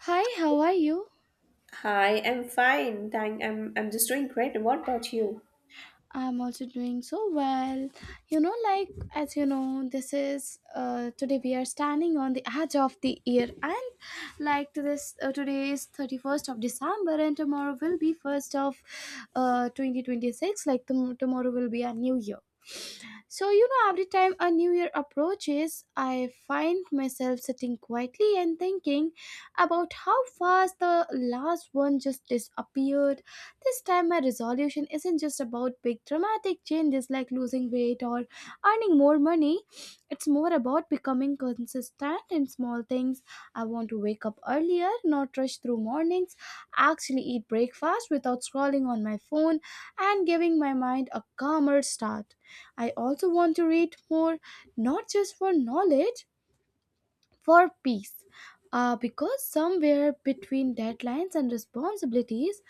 Hi, how are you? Hi, I'm fine. Thank I'm just doing great. What about you? I'm also doing so well. You know, like as you know, this is today we are standing on the edge of the year, and like to this today is 31st of December, and tomorrow will be first of 2026. Like tomorrow will be a new year. So every time a new year approaches, I find myself sitting quietly and thinking about how fast the last one just disappeared. This time, my resolution isn't just about big dramatic changes like losing weight or earning more money. It's more about becoming consistent in small things. I want to wake up earlier, not rush through mornings, actually eat breakfast without scrolling on my phone, and giving my mind a calmer start. I also want to read more, not just for knowledge, for peace. Because somewhere between deadlines and responsibilities,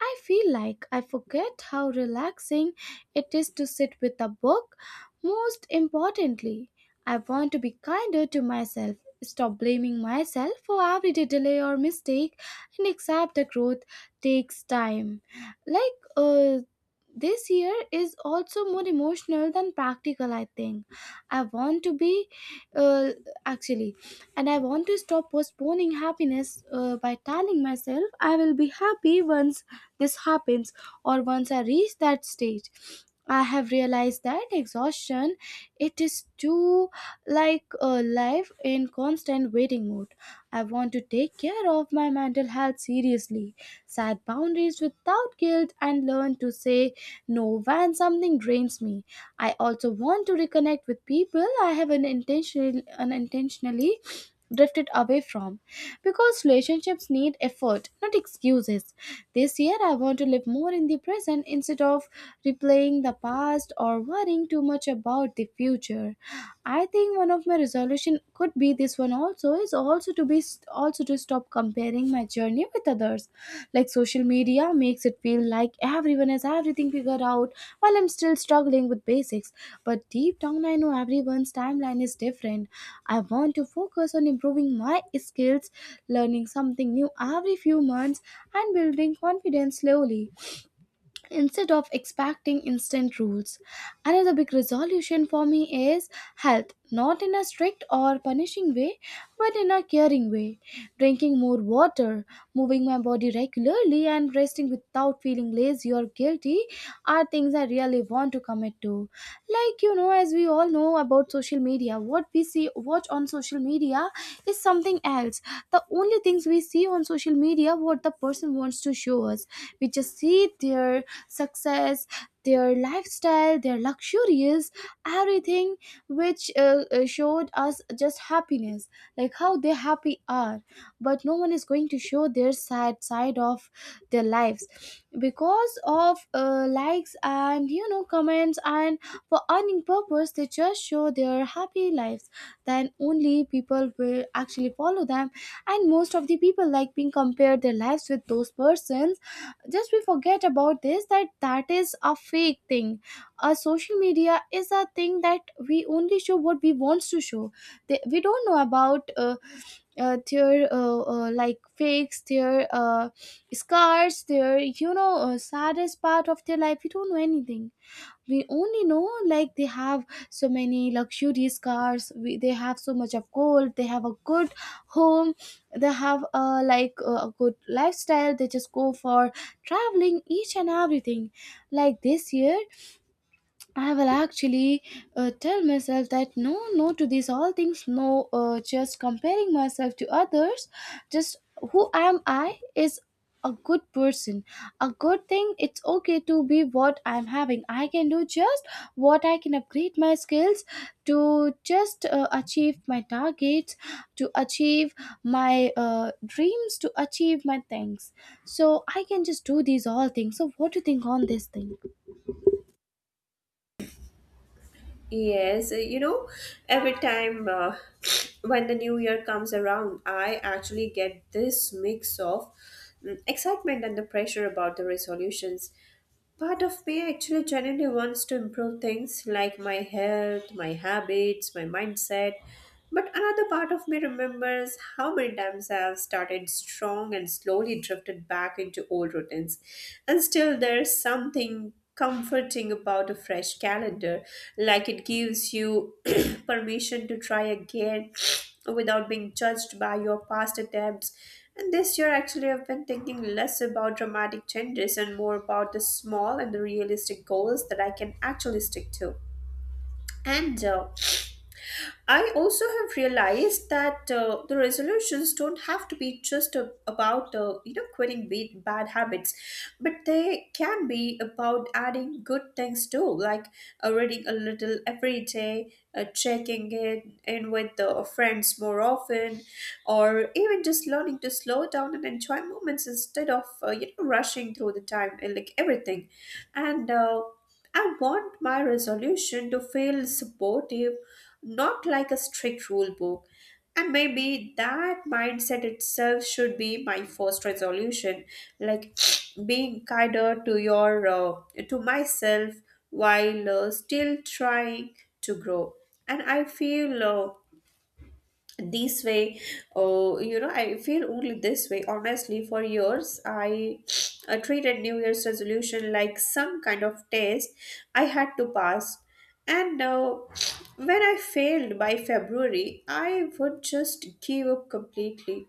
I feel like I forget how relaxing it is to sit with a book. Most importantly, I want to be kinder to myself, stop blaming myself for everyday delay or mistake, and accept that growth takes time. Like, uh, this year is also more emotional than practical, I think. I want to uh, actually, stop postponing happiness by telling myself I will be happy once this happens or once I reach that stage. I have realized that exhaustion it is too like a life in constant waiting mode. I want to take care of my mental health seriously, set boundaries without guilt, and learn to say no when something drains me. I also want to reconnect with people I have unintentionally drifted away from, because relationships need effort, not excuses. This year I want to live more in the present instead of replaying the past or worrying too much about the future. I think one of my resolution could be this, one also is also to be also to stop comparing my journey with others. Like, social media makes it feel like everyone has everything figured out while I'm still struggling with basics. But deep down I know everyone's timeline is different. I want to focus on improving my skills, learning something new every few months, and building confidence slowly instead of expecting instant rules. Another big resolution for me is health, not in a strict or punishing way, but in a caring way. Drinking more water, moving my body regularly, and resting without feeling lazy or guilty are things I really want to commit to. Like, as we all know about social media, what we see, watch on social media is something else. The only things we see on social media, what the person wants to show us. We just see their success, their lifestyle, their luxurious, everything, which showed us just happiness, like how they happy are. But no one is going to show their sad side of their lives because of likes and comments, and for earning purpose they just show their happy lives, then only people will actually follow them. And most of the people like being compared their lives with those persons. Just we forget about this, that is a fake thing. A social media is a thing that we only show what we wants to show. We don't know about their like fakes, their scars, their saddest part of their life. We don't know anything. We only know like they have so many luxurious cars, they have so much of gold, they have a good home, they have a like a good lifestyle, they just go for traveling each and everything. Like, this year I will actually tell myself that no, no to these all things. No, just comparing myself to others, just who am I is a good person. A good thing, it's okay to be what I'm having. I can do just what I can, upgrade my skills to just achieve my targets, to achieve my dreams, to achieve my things. So I can just do these all things. So, what do you think on this thing? Yes, you know, every time when the new year comes around, I actually get this mix of excitement and the pressure about the resolutions. Part of me actually genuinely wants to improve things like my health, my habits, my mindset. But another part of me remembers how many times I have started strong and slowly drifted back into old routines. And still, there's something comforting about a fresh calendar. Like it gives you permission to try again without being judged by your past attempts. And this year, actually, I've been thinking less about dramatic changes and more about the small and the realistic goals that I can actually stick to. And I also have realized that the resolutions don't have to be just about you know quitting bad habits, but they can be about adding good things too, like reading a little every day, checking in with the friends more often, or even just learning to slow down and enjoy moments instead of you know rushing through the time and like everything, and. I want my resolution to feel supportive, not like a strict rule book. And maybe that mindset itself should be my first resolution, like being kinder to your to myself while still trying to grow. And I feel this way oh you know I feel only this way honestly for years I treated new year's resolution like some kind of test I had to pass and now when I failed by February I would just give up completely.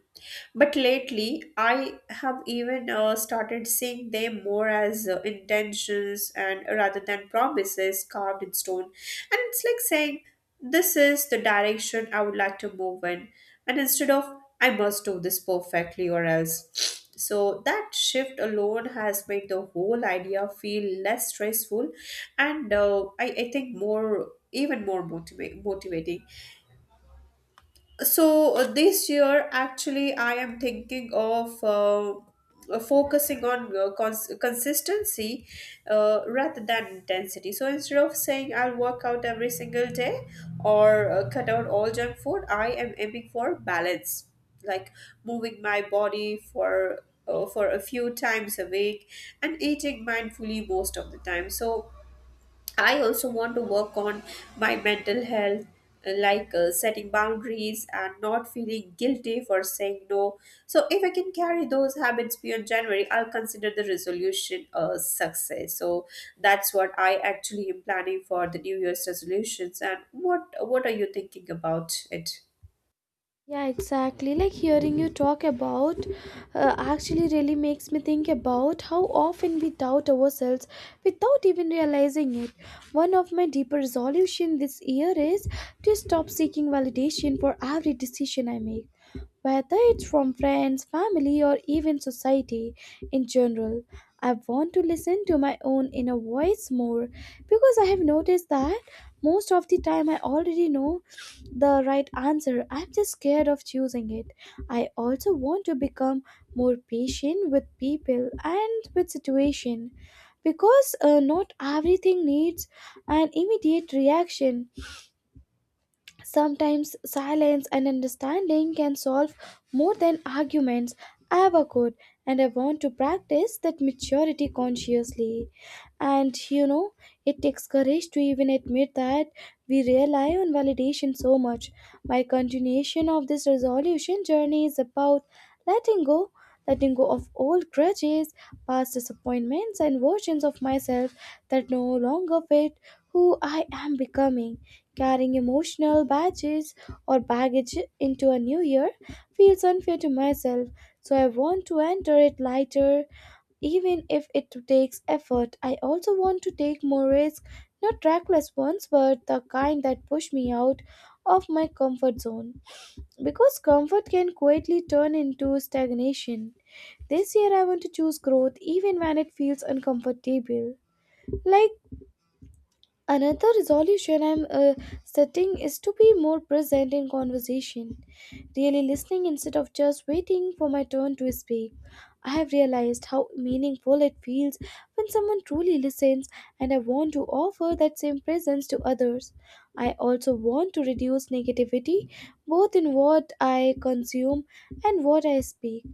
But lately, I have even started seeing them more as intentions and rather than promises carved in stone. And it's like saying, this is the direction I would like to move in. And instead of, I must do this perfectly or else. So that shift alone has made the whole idea feel less stressful and I think more even more motivating. So this year actually I am thinking of focusing on consistency rather than intensity. So instead of saying I'll work out every single day or cut out all junk food I am aiming for balance, like moving my body for a few times a week and eating mindfully most of the time. So I also want to work on my mental health, setting boundaries and not feeling guilty for saying no. So, if I can carry those habits beyond January, I'll consider the resolution a success. So, that's what I actually am planning for the New Year's resolutions. And what are you thinking about it? Yeah, exactly. Like, hearing you talk about actually really makes me think about how often we doubt ourselves without even realizing it. One of my deeper resolutions this year is to stop seeking validation for every decision I make, whether it's from friends, family, or even society in general. I want to listen to my own inner voice more, because I have noticed that most of the time I already know the right answer. I'm just scared of choosing it. I also want to become more patient with people and with situation, because not everything needs an immediate reaction. Sometimes silence and understanding can solve more than arguments ever could, and I want to practice that maturity consciously. And you know, it takes courage to even admit that we rely on validation so much. My continuation of this resolution journey is about letting go. Letting go of old grudges, past disappointments, and versions of myself that no longer fit who I am becoming. Carrying emotional badges or baggage into a new year feels unfair to myself, so I want to enter it lighter, even if it takes effort. I also want to take more risks, not reckless ones, but the kind that push me out of my comfort zone. Because comfort can quietly turn into stagnation. This year I want to choose growth even when it feels uncomfortable. Like, another resolution I'm setting is to be more present in conversation, really listening instead of just waiting for my turn to speak. I have realized how meaningful it feels when someone truly listens, and I want to offer that same presence to others. I also want to reduce negativity, both in what I consume and what I speak.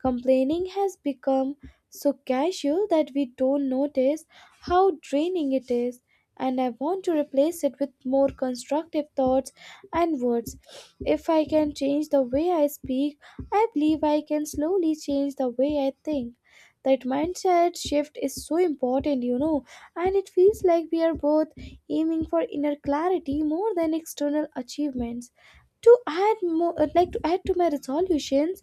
Complaining has become so casual that we don't notice how draining it is, and I want to replace it with more constructive thoughts and words. If I can change the way I speak, I believe I can slowly change the way I think. That mindset shift is so important, you know, and it feels like we are both aiming for inner clarity more than external achievements. To add more, like to add to my resolutions,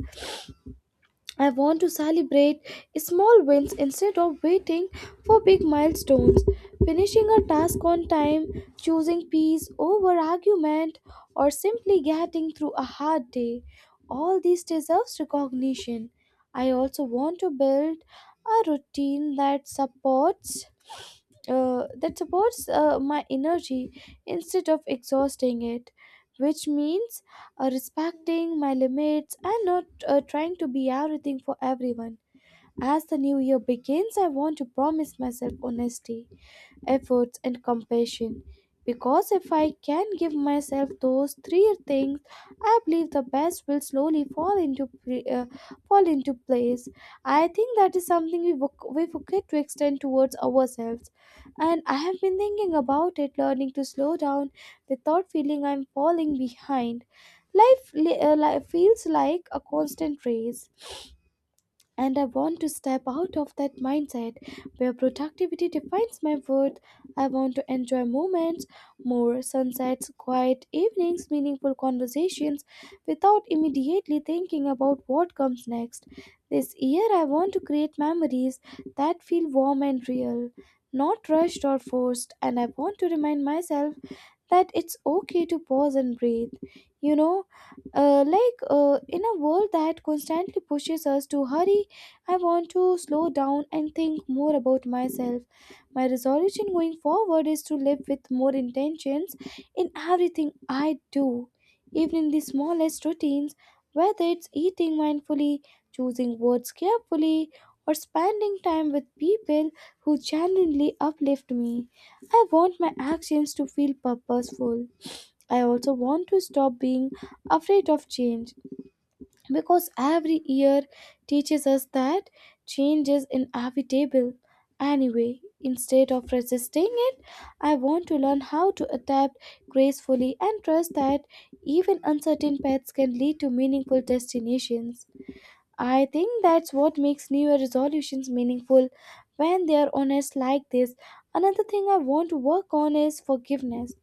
I want to celebrate small wins instead of waiting for big milestones. Finishing a task on time, choosing peace over argument, or simply getting through a hard day. All these deserves recognition. I also want to build a routine that supports my energy instead of exhausting it, which means respecting my limits and not trying to be everything for everyone. As the new year begins, I want to promise myself honesty, efforts, and compassion. Because if I can give myself those three things, I believe the best will slowly fall into place. I think that is something we forget to extend towards ourselves. And I have been thinking about it, learning to slow down without feeling I'm falling behind. Life feels like a constant race, and I want to step out of that mindset where productivity defines my worth. I want to enjoy moments, more sunsets, quiet evenings, meaningful conversations without immediately thinking about what comes next. This year, I want to create memories that feel warm and real, not rushed or forced, and I want to remind myself that it's okay to pause and breathe, you know. In a world that constantly pushes us to hurry, I want to slow down and think more about myself. My resolution going forward is to live with more intentions in everything I do, even in the smallest routines, whether it's eating mindfully, choosing words carefully, or spending time with people who genuinely uplift me. I want my actions to feel purposeful. I also want to stop being afraid of change, because every year teaches us that change is inevitable. Anyway, instead of resisting it, I want to learn how to adapt gracefully and trust that even uncertain paths can lead to meaningful destinations. I think that's what makes New Year resolutions meaningful, when they are honest like this. Another thing I want to work on is forgiveness.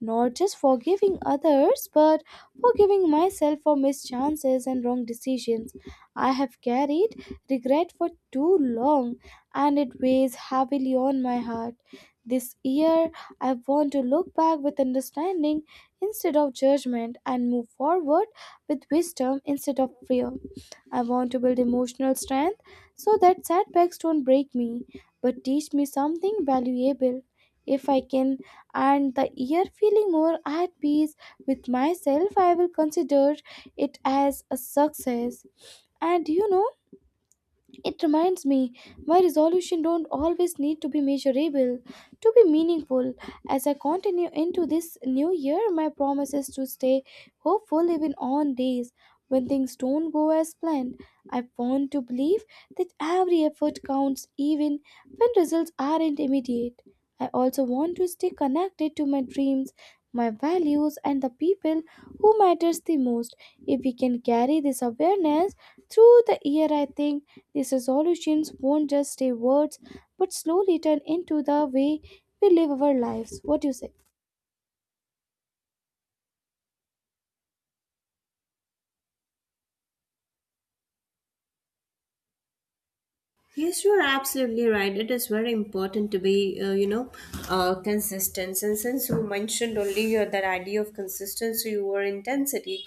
Not just forgiving others, but forgiving myself for missed chances and wrong decisions. I have carried regret for too long, and it weighs heavily on my heart. This year, I want to look back with understanding instead of judgment and move forward with wisdom instead of fear. I want to build emotional strength so that setbacks don't break me but teach me something valuable. If I can end the year feeling more at peace with myself, I will consider it as a success. And you know, it reminds me my resolution don't always need to be measurable to be meaningful. As I continue into this new year, my promise is to stay hopeful even on days when things don't go as planned. I want to believe that every effort counts even when results aren't immediate. I also want to stay connected to my dreams, my values and the people who matters the most. If we can carry this awareness through the year, I think these resolutions won't just stay words but slowly turn into the way we live our lives. What do you say? Yes, you are absolutely right. It is very important to be, you know, consistent. And since you mentioned only that idea of consistency or intensity,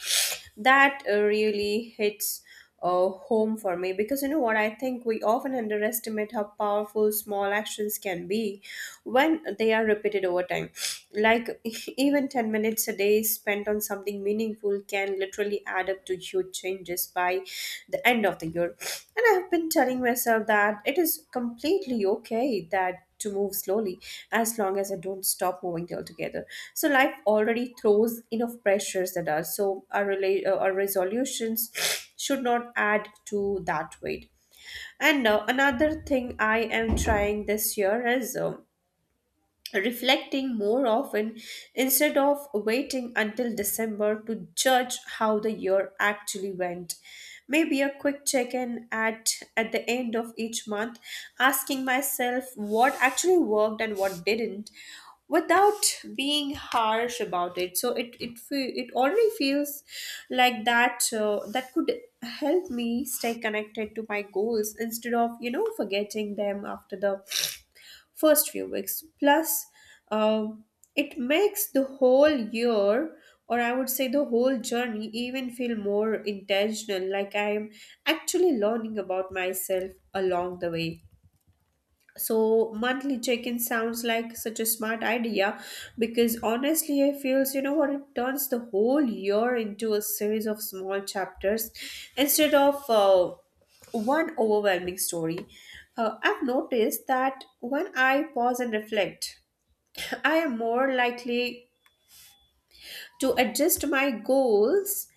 that really hits home for me because you know what? I think we often underestimate how powerful small actions can be when they are repeated over time. Like even 10 minutes a day spent on something meaningful can literally add up to huge changes by the end of the year. And I've been telling myself that it is completely okay that to move slowly as long as I don't stop moving altogether. So life already throws enough pressures at us. So our resolutions should not add to that weight. And another thing I am trying this year is reflecting more often instead of waiting until December to judge how the year actually went. Maybe a quick check-in at the end of each month, asking myself what actually worked and what didn't without being harsh about it. So it already feels like that that could help me stay connected to my goals instead of you know forgetting them after the first few weeks. Plus, uh, it makes the whole year, or I would say the whole journey, even feel more intentional, like I'm actually learning about myself along the way. So monthly check-in sounds like such a smart idea because honestly I feels you know what it turns the whole year into a series of small chapters instead of one overwhelming story. I've noticed that when I pause and reflect, I am more likely to adjust my goals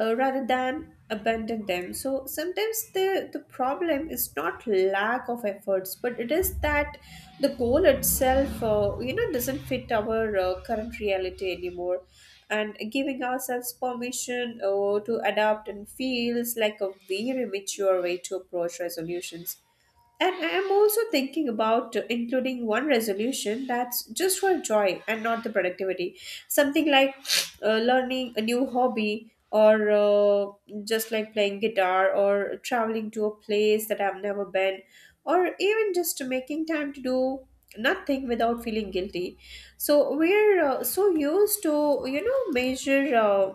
rather than abandon them. So sometimes the problem is not lack of efforts but it is that the goal itself you know doesn't fit our current reality anymore, and giving ourselves permission to adapt and feels like a very mature way to approach resolutions. And I am also thinking about including one resolution that's just for joy and not the productivity. Something like learning a new hobby, or just like playing guitar, or traveling to a place that I've never been, or even just making time to do nothing without feeling guilty. So we're so used to, you know, measure.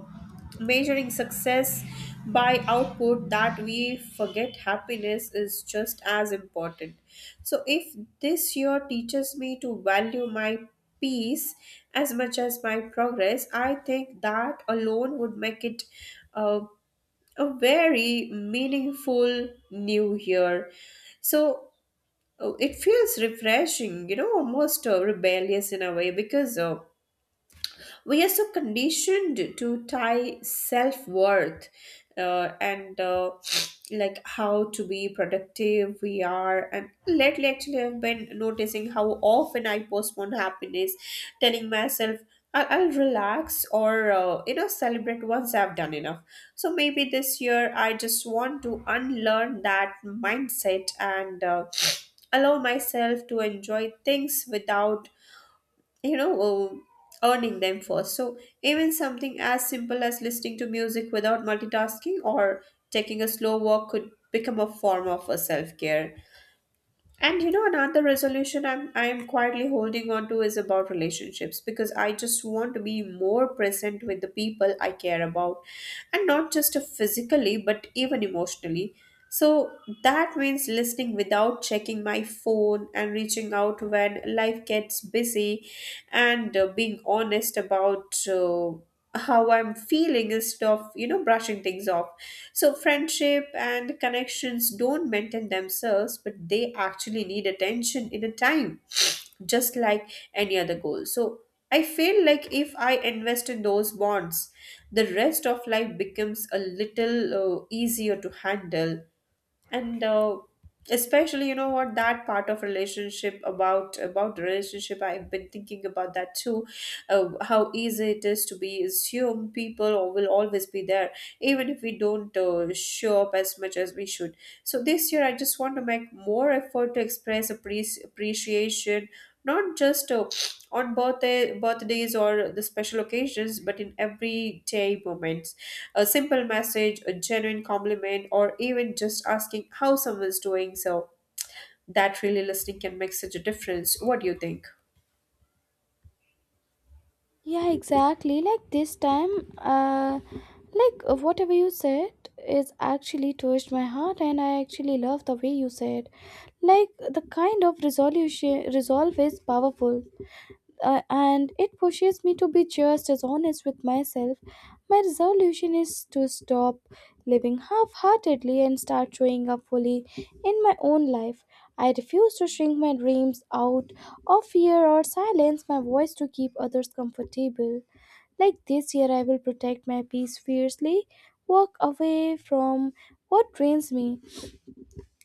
Measuring success by output that we forget happiness is just as important. So if this year teaches me to value my peace as much as my progress I think that alone would make it uh, a very meaningful new year. So it feels refreshing, you know, almost rebellious in a way because we are so conditioned to tie self-worth and like how to be productive we are. And lately actually I've been noticing how often I postpone happiness, telling myself I'll relax or you know celebrate once I've done enough. So maybe this year I just want to unlearn that mindset and allow myself to enjoy things without you know oh, earning them for. So even something as simple as listening to music without multitasking or taking a slow walk could become a form of a self-care. And you know, another resolution I'm quietly holding on to is about relationships because I just want to be more present with the people I care about, and not just physically but even emotionally. So that means listening without checking my phone and reaching out when life gets busy, and being honest about how I'm feeling instead of, you know, brushing things off. So, friendship and connections don't maintain themselves, but they actually need attention in a time, just like any other goal. So, I feel like if I invest in those bonds, the rest of life becomes a little easier to handle. And Especially you know what, that part of relationship about the relationship I've been thinking about that too, how easy it is to be assumed people will always be there even if we don't show up as much as we should. So this year I just want to make more effort to express appreciation, not just on birthdays or the special occasions but in everyday moments: a simple message, a genuine compliment, or even just asking how someone's doing. So that really listening can make such a difference. What do you think? Yeah, exactly. Like this time, like whatever you said is actually touched my heart, and I actually love the way you said. Like the kind of resolution resolve is powerful. And it pushes me to be just as honest with myself. My resolution is to stop living half heartedly and start showing up fully in my own life. I refuse to shrink my dreams out of fear or silence my voice to keep others comfortable. Like this year, I will protect my peace fiercely, walk away from what drains me,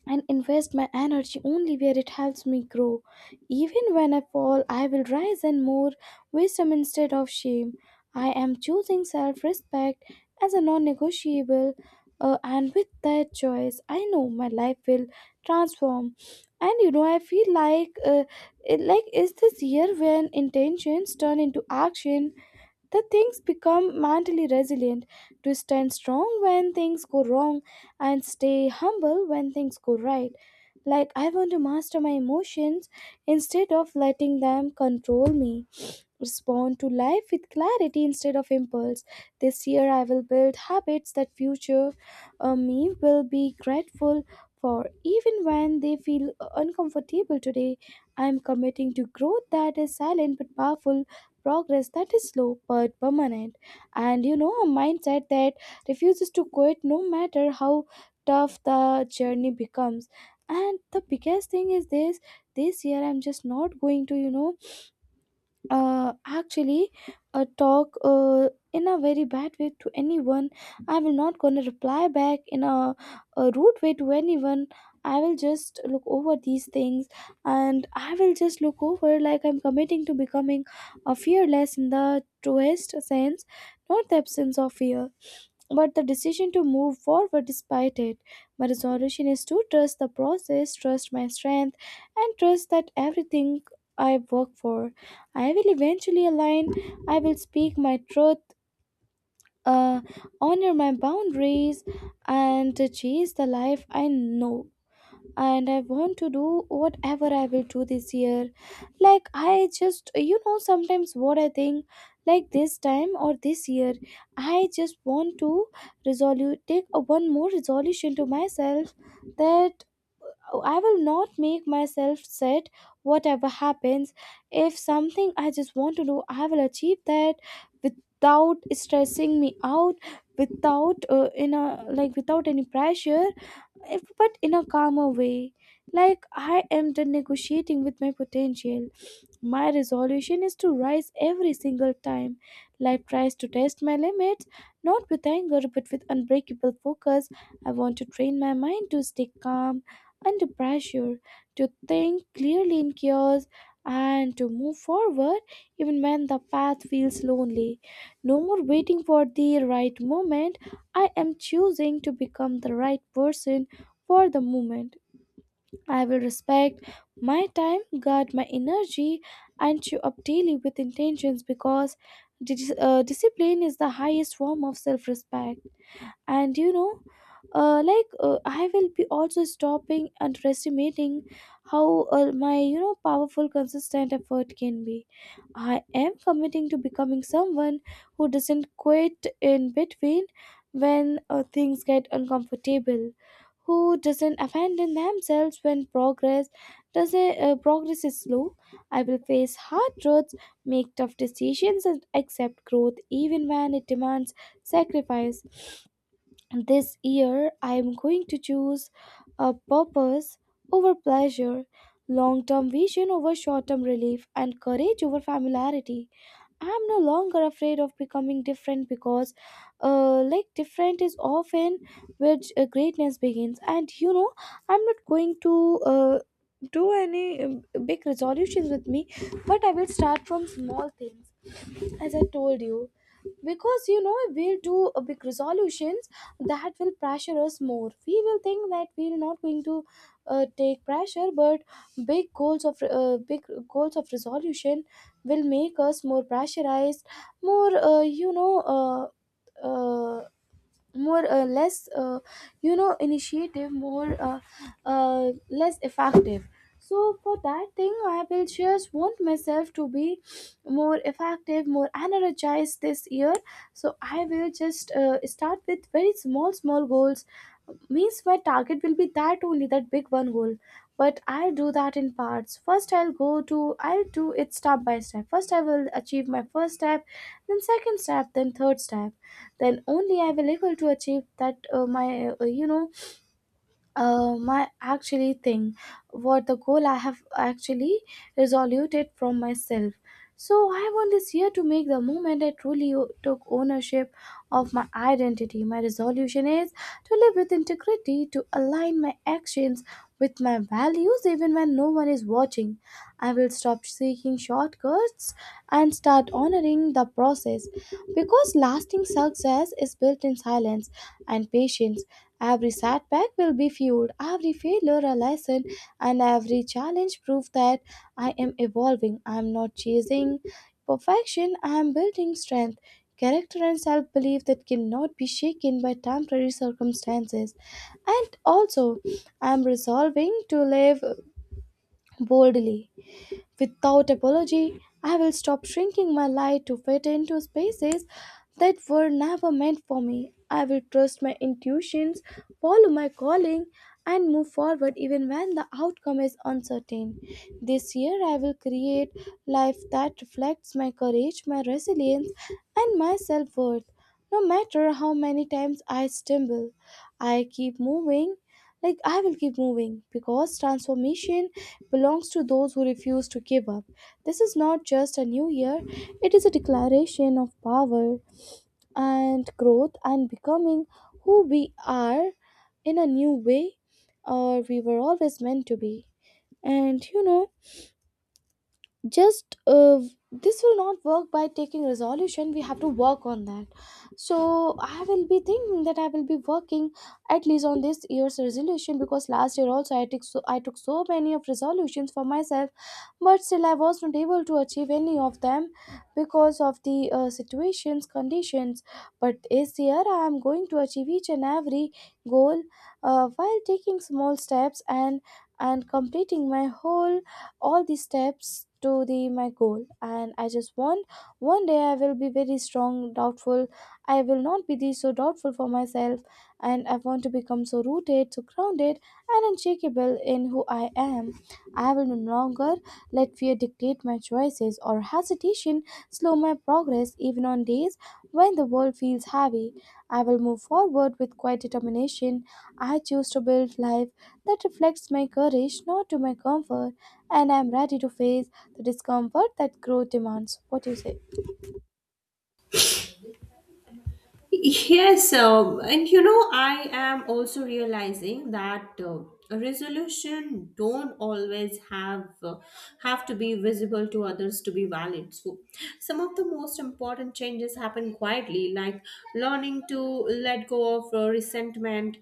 and invest my energy only where it helps me grow. Even when I fall, I will rise in more wisdom instead of shame. I am choosing self respect as a non negotiable, and with that choice, I know my life will transform. And you know, I feel like, is this year when intentions turn into action? The things become mentally resilient to stand strong when things go wrong and stay humble when things go right. Like I want to master my emotions instead of letting them control me, respond to life with clarity instead of impulse. This year I will build habits that future me will be grateful for even when they feel uncomfortable today. I am committing to growth that is silent but powerful, progress that is slow but permanent, and you know, a mindset that refuses to quit no matter how tough the journey becomes. And the biggest thing is this year I'm just not going to, you know, actually talk in a very bad way to anyone. I will not gonna reply back in a rude way to anyone. I will just look over these things and I will just look over. Like I'm committing to becoming a fearless in the truest sense, not the absence of fear but the decision to move forward despite it. My resolution is to trust the process, trust my strength, and trust that everything I work for I will eventually align. I will speak my truth, uh, honor my boundaries, and chase the life I know. And I want to do whatever I will do this year. Like, I just, you know, sometimes what I think, like this time or this year, I just want to resolve, take one more resolution to myself that Oh, I will not make myself set whatever happens. If something I just want to do, I will achieve that without stressing me out, without in a like without any pressure, if, but in a calmer way. Like I am done negotiating with my potential. My resolution is to rise every single time life tries to test my limits, not with anger but with unbreakable focus. I want to train my mind to stay calm under pressure, to think clearly in chaos, and to move forward even when the path feels lonely. No more waiting for the right moment. I am choosing to become the right person for the moment. I will respect my time, guard my energy, and show up daily with intentions because discipline is the highest form of self respect. And you know, I will be also stopping underestimating how my you know powerful consistent effort can be. I am committing to becoming someone who doesn't quit in between when things get uncomfortable, who doesn't abandon themselves when progress doesn't progress is slow. I will face hard truths, make tough decisions and accept growth even when it demands sacrifice. This year, I am going to choose a purpose over pleasure, long term vision over short term relief, and courage over familiarity. I am no longer afraid of becoming different because, different is often where greatness begins. And you know, I'm not going to. Do any big resolutions with me but I will start from small things as I told you, because you know we'll do a big resolutions that will pressure us more. We will think that we're not going to take pressure, but big goals of resolution will make us more pressurized, more you know. Uh, more less you know initiative, more less effective. So for that thing I will just want myself to be more effective, more energized this year. So I will just start with very small small goals. Means my target will be that only that big one goal but I'll do that in parts. First I'll go to I'll do it step by step. First I will achieve my first step, then second step, then third step, then only I will able to achieve that my you know my actually thing what the goal I have actually resolved it from myself. So I want this year to make the moment I truly took ownership of my identity. My resolution is to live with integrity, to align my actions with my values even when no one is watching. I will stop seeking shortcuts and start honoring the process because lasting success is built in silence and patience. Every setback will be fueled, every failure a lesson, and every challenge proof that I am evolving. I am not chasing perfection, I am building strength, character, and self belief that cannot be shaken by temporary circumstances. And also, I am resolving to live boldly. Without apology, I will stop shrinking my light to fit into spaces that were never meant for me. I will trust my intuitions, follow my calling, and move forward even when the outcome is uncertain. This year, I will create life that reflects my courage, my resilience, and my self worth. No matter how many times I stumble, I keep moving. Like, I will keep moving because transformation belongs to those who refuse to give up. This is not just a new year, it is a declaration of power and growth and becoming who we are in a new way or we were always meant to be. And you know, just this will not work by taking resolution, we have to work on that. So I will be thinking that I will be working at least on this year's resolution because last year also I took so many of resolutions for myself but still I was not able to achieve any of them because of the situations, conditions. But this year I am going to achieve each and every goal while taking small steps and completing my whole all these steps to the my goal. And I just want one day I will be very strong doubtful. I will not be the, so doubtful for myself, and I want to become so rooted, so grounded and unshakable in who I am. I will no longer let fear dictate my choices or hesitation slow my progress even on days when the world feels heavy. I will move forward with quiet determination. I choose to build life that reflects my courage, not to my comfort, and I am ready to face the discomfort that growth demands. What do you say? Yes, and you know, I am also realizing that a resolution don't always have to be visible to others to be valid. So, some of the most important changes happen quietly, like learning to let go of resentment,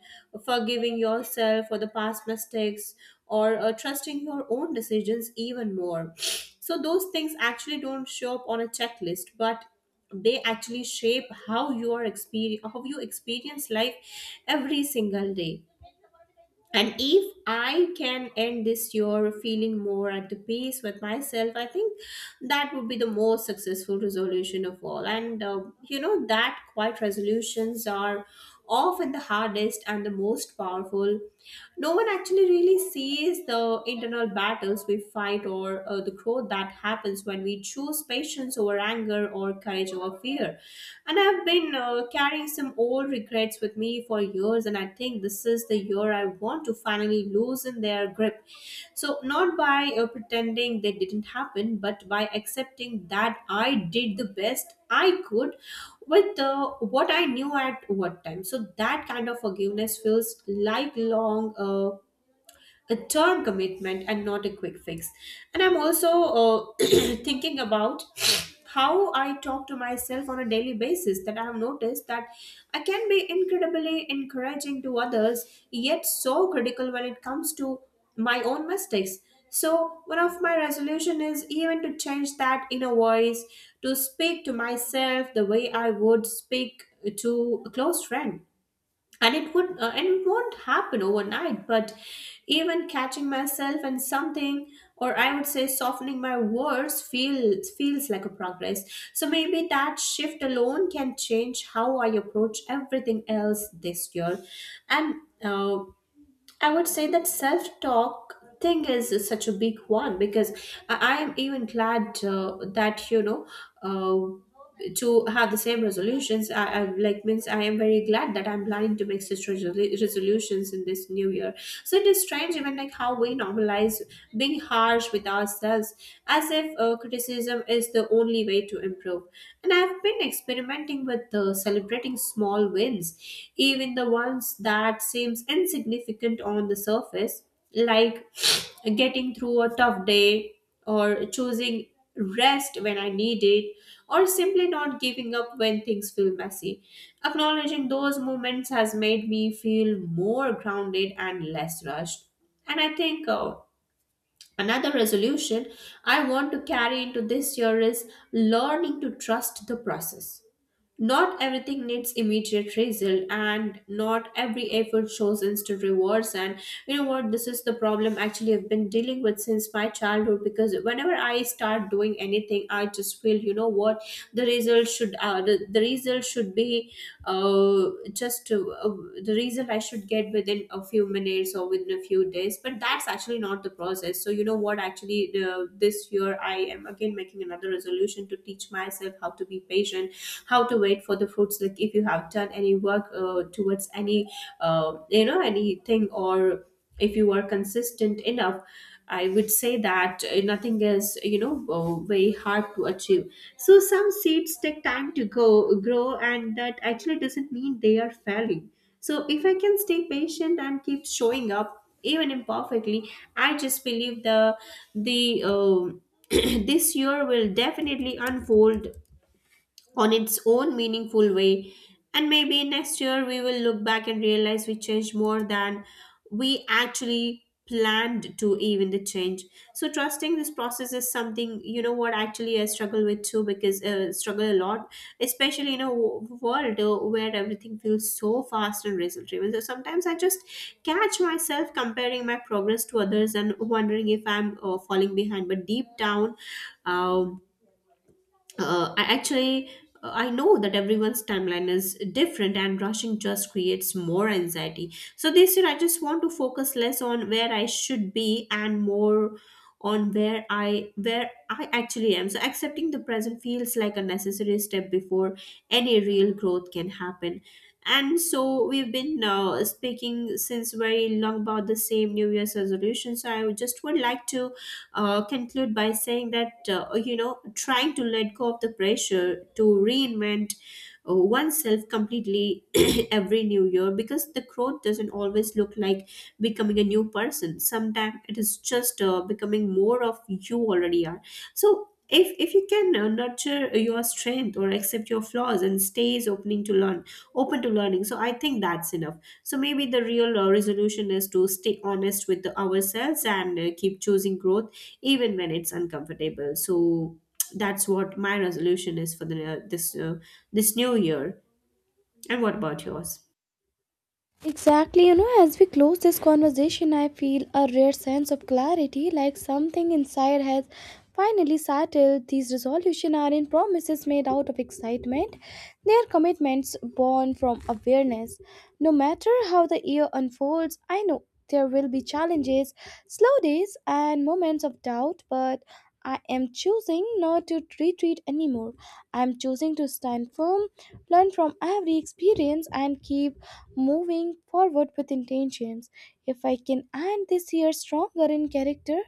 forgiving yourself for the past mistakes, or trusting your own decisions even more. So, those things actually don't show up on a checklist, but they actually shape how you are experience how you experience life every single day. And if I can end this year feeling more at the peace with myself I think that would be the most successful resolution of all. And You know that quiet resolutions are often the hardest and the most powerful. No one actually really sees the internal battles we fight or the before that happens when we choose patience over anger or courage over fear. And I've been carrying some old regrets with me for years, and I think this is the year I want to finally loosen their grip. So, not by pretending they didn't happen, but by accepting that I did the best I could with what I knew at what time. So, that kind of forgiveness feels lifelong. A term commitment and not a quick fix. And I'm also thinking about how I talk to myself on a daily basis, that I have noticed that I can be incredibly encouraging to others, yet so critical when it comes to my own mistakes. So one of my resolution is even to change that inner voice to speak to myself the way I would speak to a close friend, and it would and it won't happen overnight, but even catching myself and something, or I would say softening my words feels like a progress. So maybe that shift alone can change how I approach everything else this year. And uh, I would say that self talk thing is such a big one because I am even glad that you know uh, to have the same resolutions. I like means I am very glad that I'm planning to make such resolutions in this new year. So it is strange even like how we normalize being harsh with ourselves as if criticism is the only way to improve. And I've been experimenting with celebrating small wins, even the ones that seems insignificant on the surface, like getting through a tough day, or choosing rest when I need it, or simply not giving up when things feel messy. Acknowledging those moments has made me feel more grounded and less rushed. And I think another resolution I want to carry into this year is learning to trust the process. Not everything needs immediate result, and not every effort shows instant rewards. And you know what? This is the problem actually I've been dealing with since my childhood, because whenever I start doing anything, I just feel, you know what, the result should be uh, just to, uh, the result I should get within a few minutes or within a few days. But that's actually not the process. So, you know what? Actually, this year I am again making another resolution to teach myself how to be patient, how to wait for the fruits. Like, if you have done any work towards any, you know, anything, or if you are consistent enough, I would say that nothing is, you know, very hard to achieve. So some seeds take time to go grow, and that actually doesn't mean they are failing. So if I can stay patient and keep showing up, even imperfectly, I just believe the this year will definitely unfold on its own meaningful way. And maybe next year we will look back and realize we changed more than we actually planned to, even the change. So trusting this process is something, you know what, actually I struggle with too, because struggle a lot, especially in a world where everything feels so fast and result driven. So sometimes I just catch myself comparing my progress to others and wondering if I'm falling behind. But deep down, um, I actually I know that everyone's timeline is different and rushing just creates more anxiety. So this year I just want to focus less on where I should be and more on where I actually am. So accepting the present feels like a necessary step before any real growth can happen. And so we've been speaking since very long about the same New Year's resolution. So I would just would like to conclude by saying that you know, trying to let go of the pressure to reinvent oneself completely every new year, because the growth doesn't always look like becoming a new person, sometimes it is just becoming more of you already are. So if you can nurture your strength or accept your flaws and stays opening to learn, open to learning, so I think that's enough. So maybe the real resolution is to stay honest with ourselves and keep choosing growth even when it's uncomfortable. So that's what my resolution is for the this new year. And what about yours? Exactly, you know, as we close this conversation, I feel a rare sense of clarity, like something inside has finally settled. These resolutions aren't promises made out of excitement, they are commitments born from awareness. No matter how the year unfolds, I know there will be challenges, slow days, and moments of doubt, but I am choosing not to retreat anymore. I am choosing to stand firm, learn from every experience, and keep moving forward with intentions. If I can end this year stronger in character,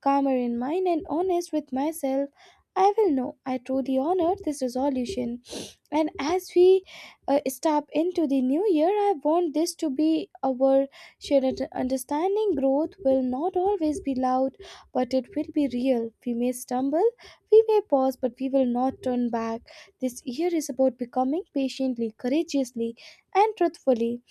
calmer in mind, and honest with myself, I will know I truly honored this resolution. And as we step into the new year, I want this to be our shared understanding. Growth will not always be loud, but it will be real. We may stumble, we may pause, but we will not turn back. This year is about becoming patiently, courageously, and truthfully.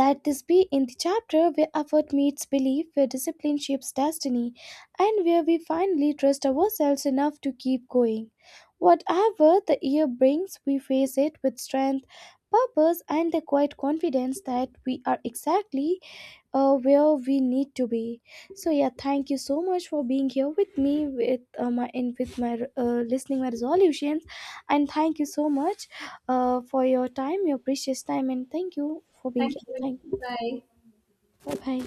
Let this be in the chapter where effort meets belief, where discipline shapes destiny, and where we finally trust ourselves enough to keep going. Whatever the year brings, we face it with strength, purpose, and the quiet confidence that we are exactly where we need to be. So yeah, thank you so much for being here with me with my and with my listening my resolutions, and thank you so much for your time, your precious time, and thank you for being here. Thank you. 我拍。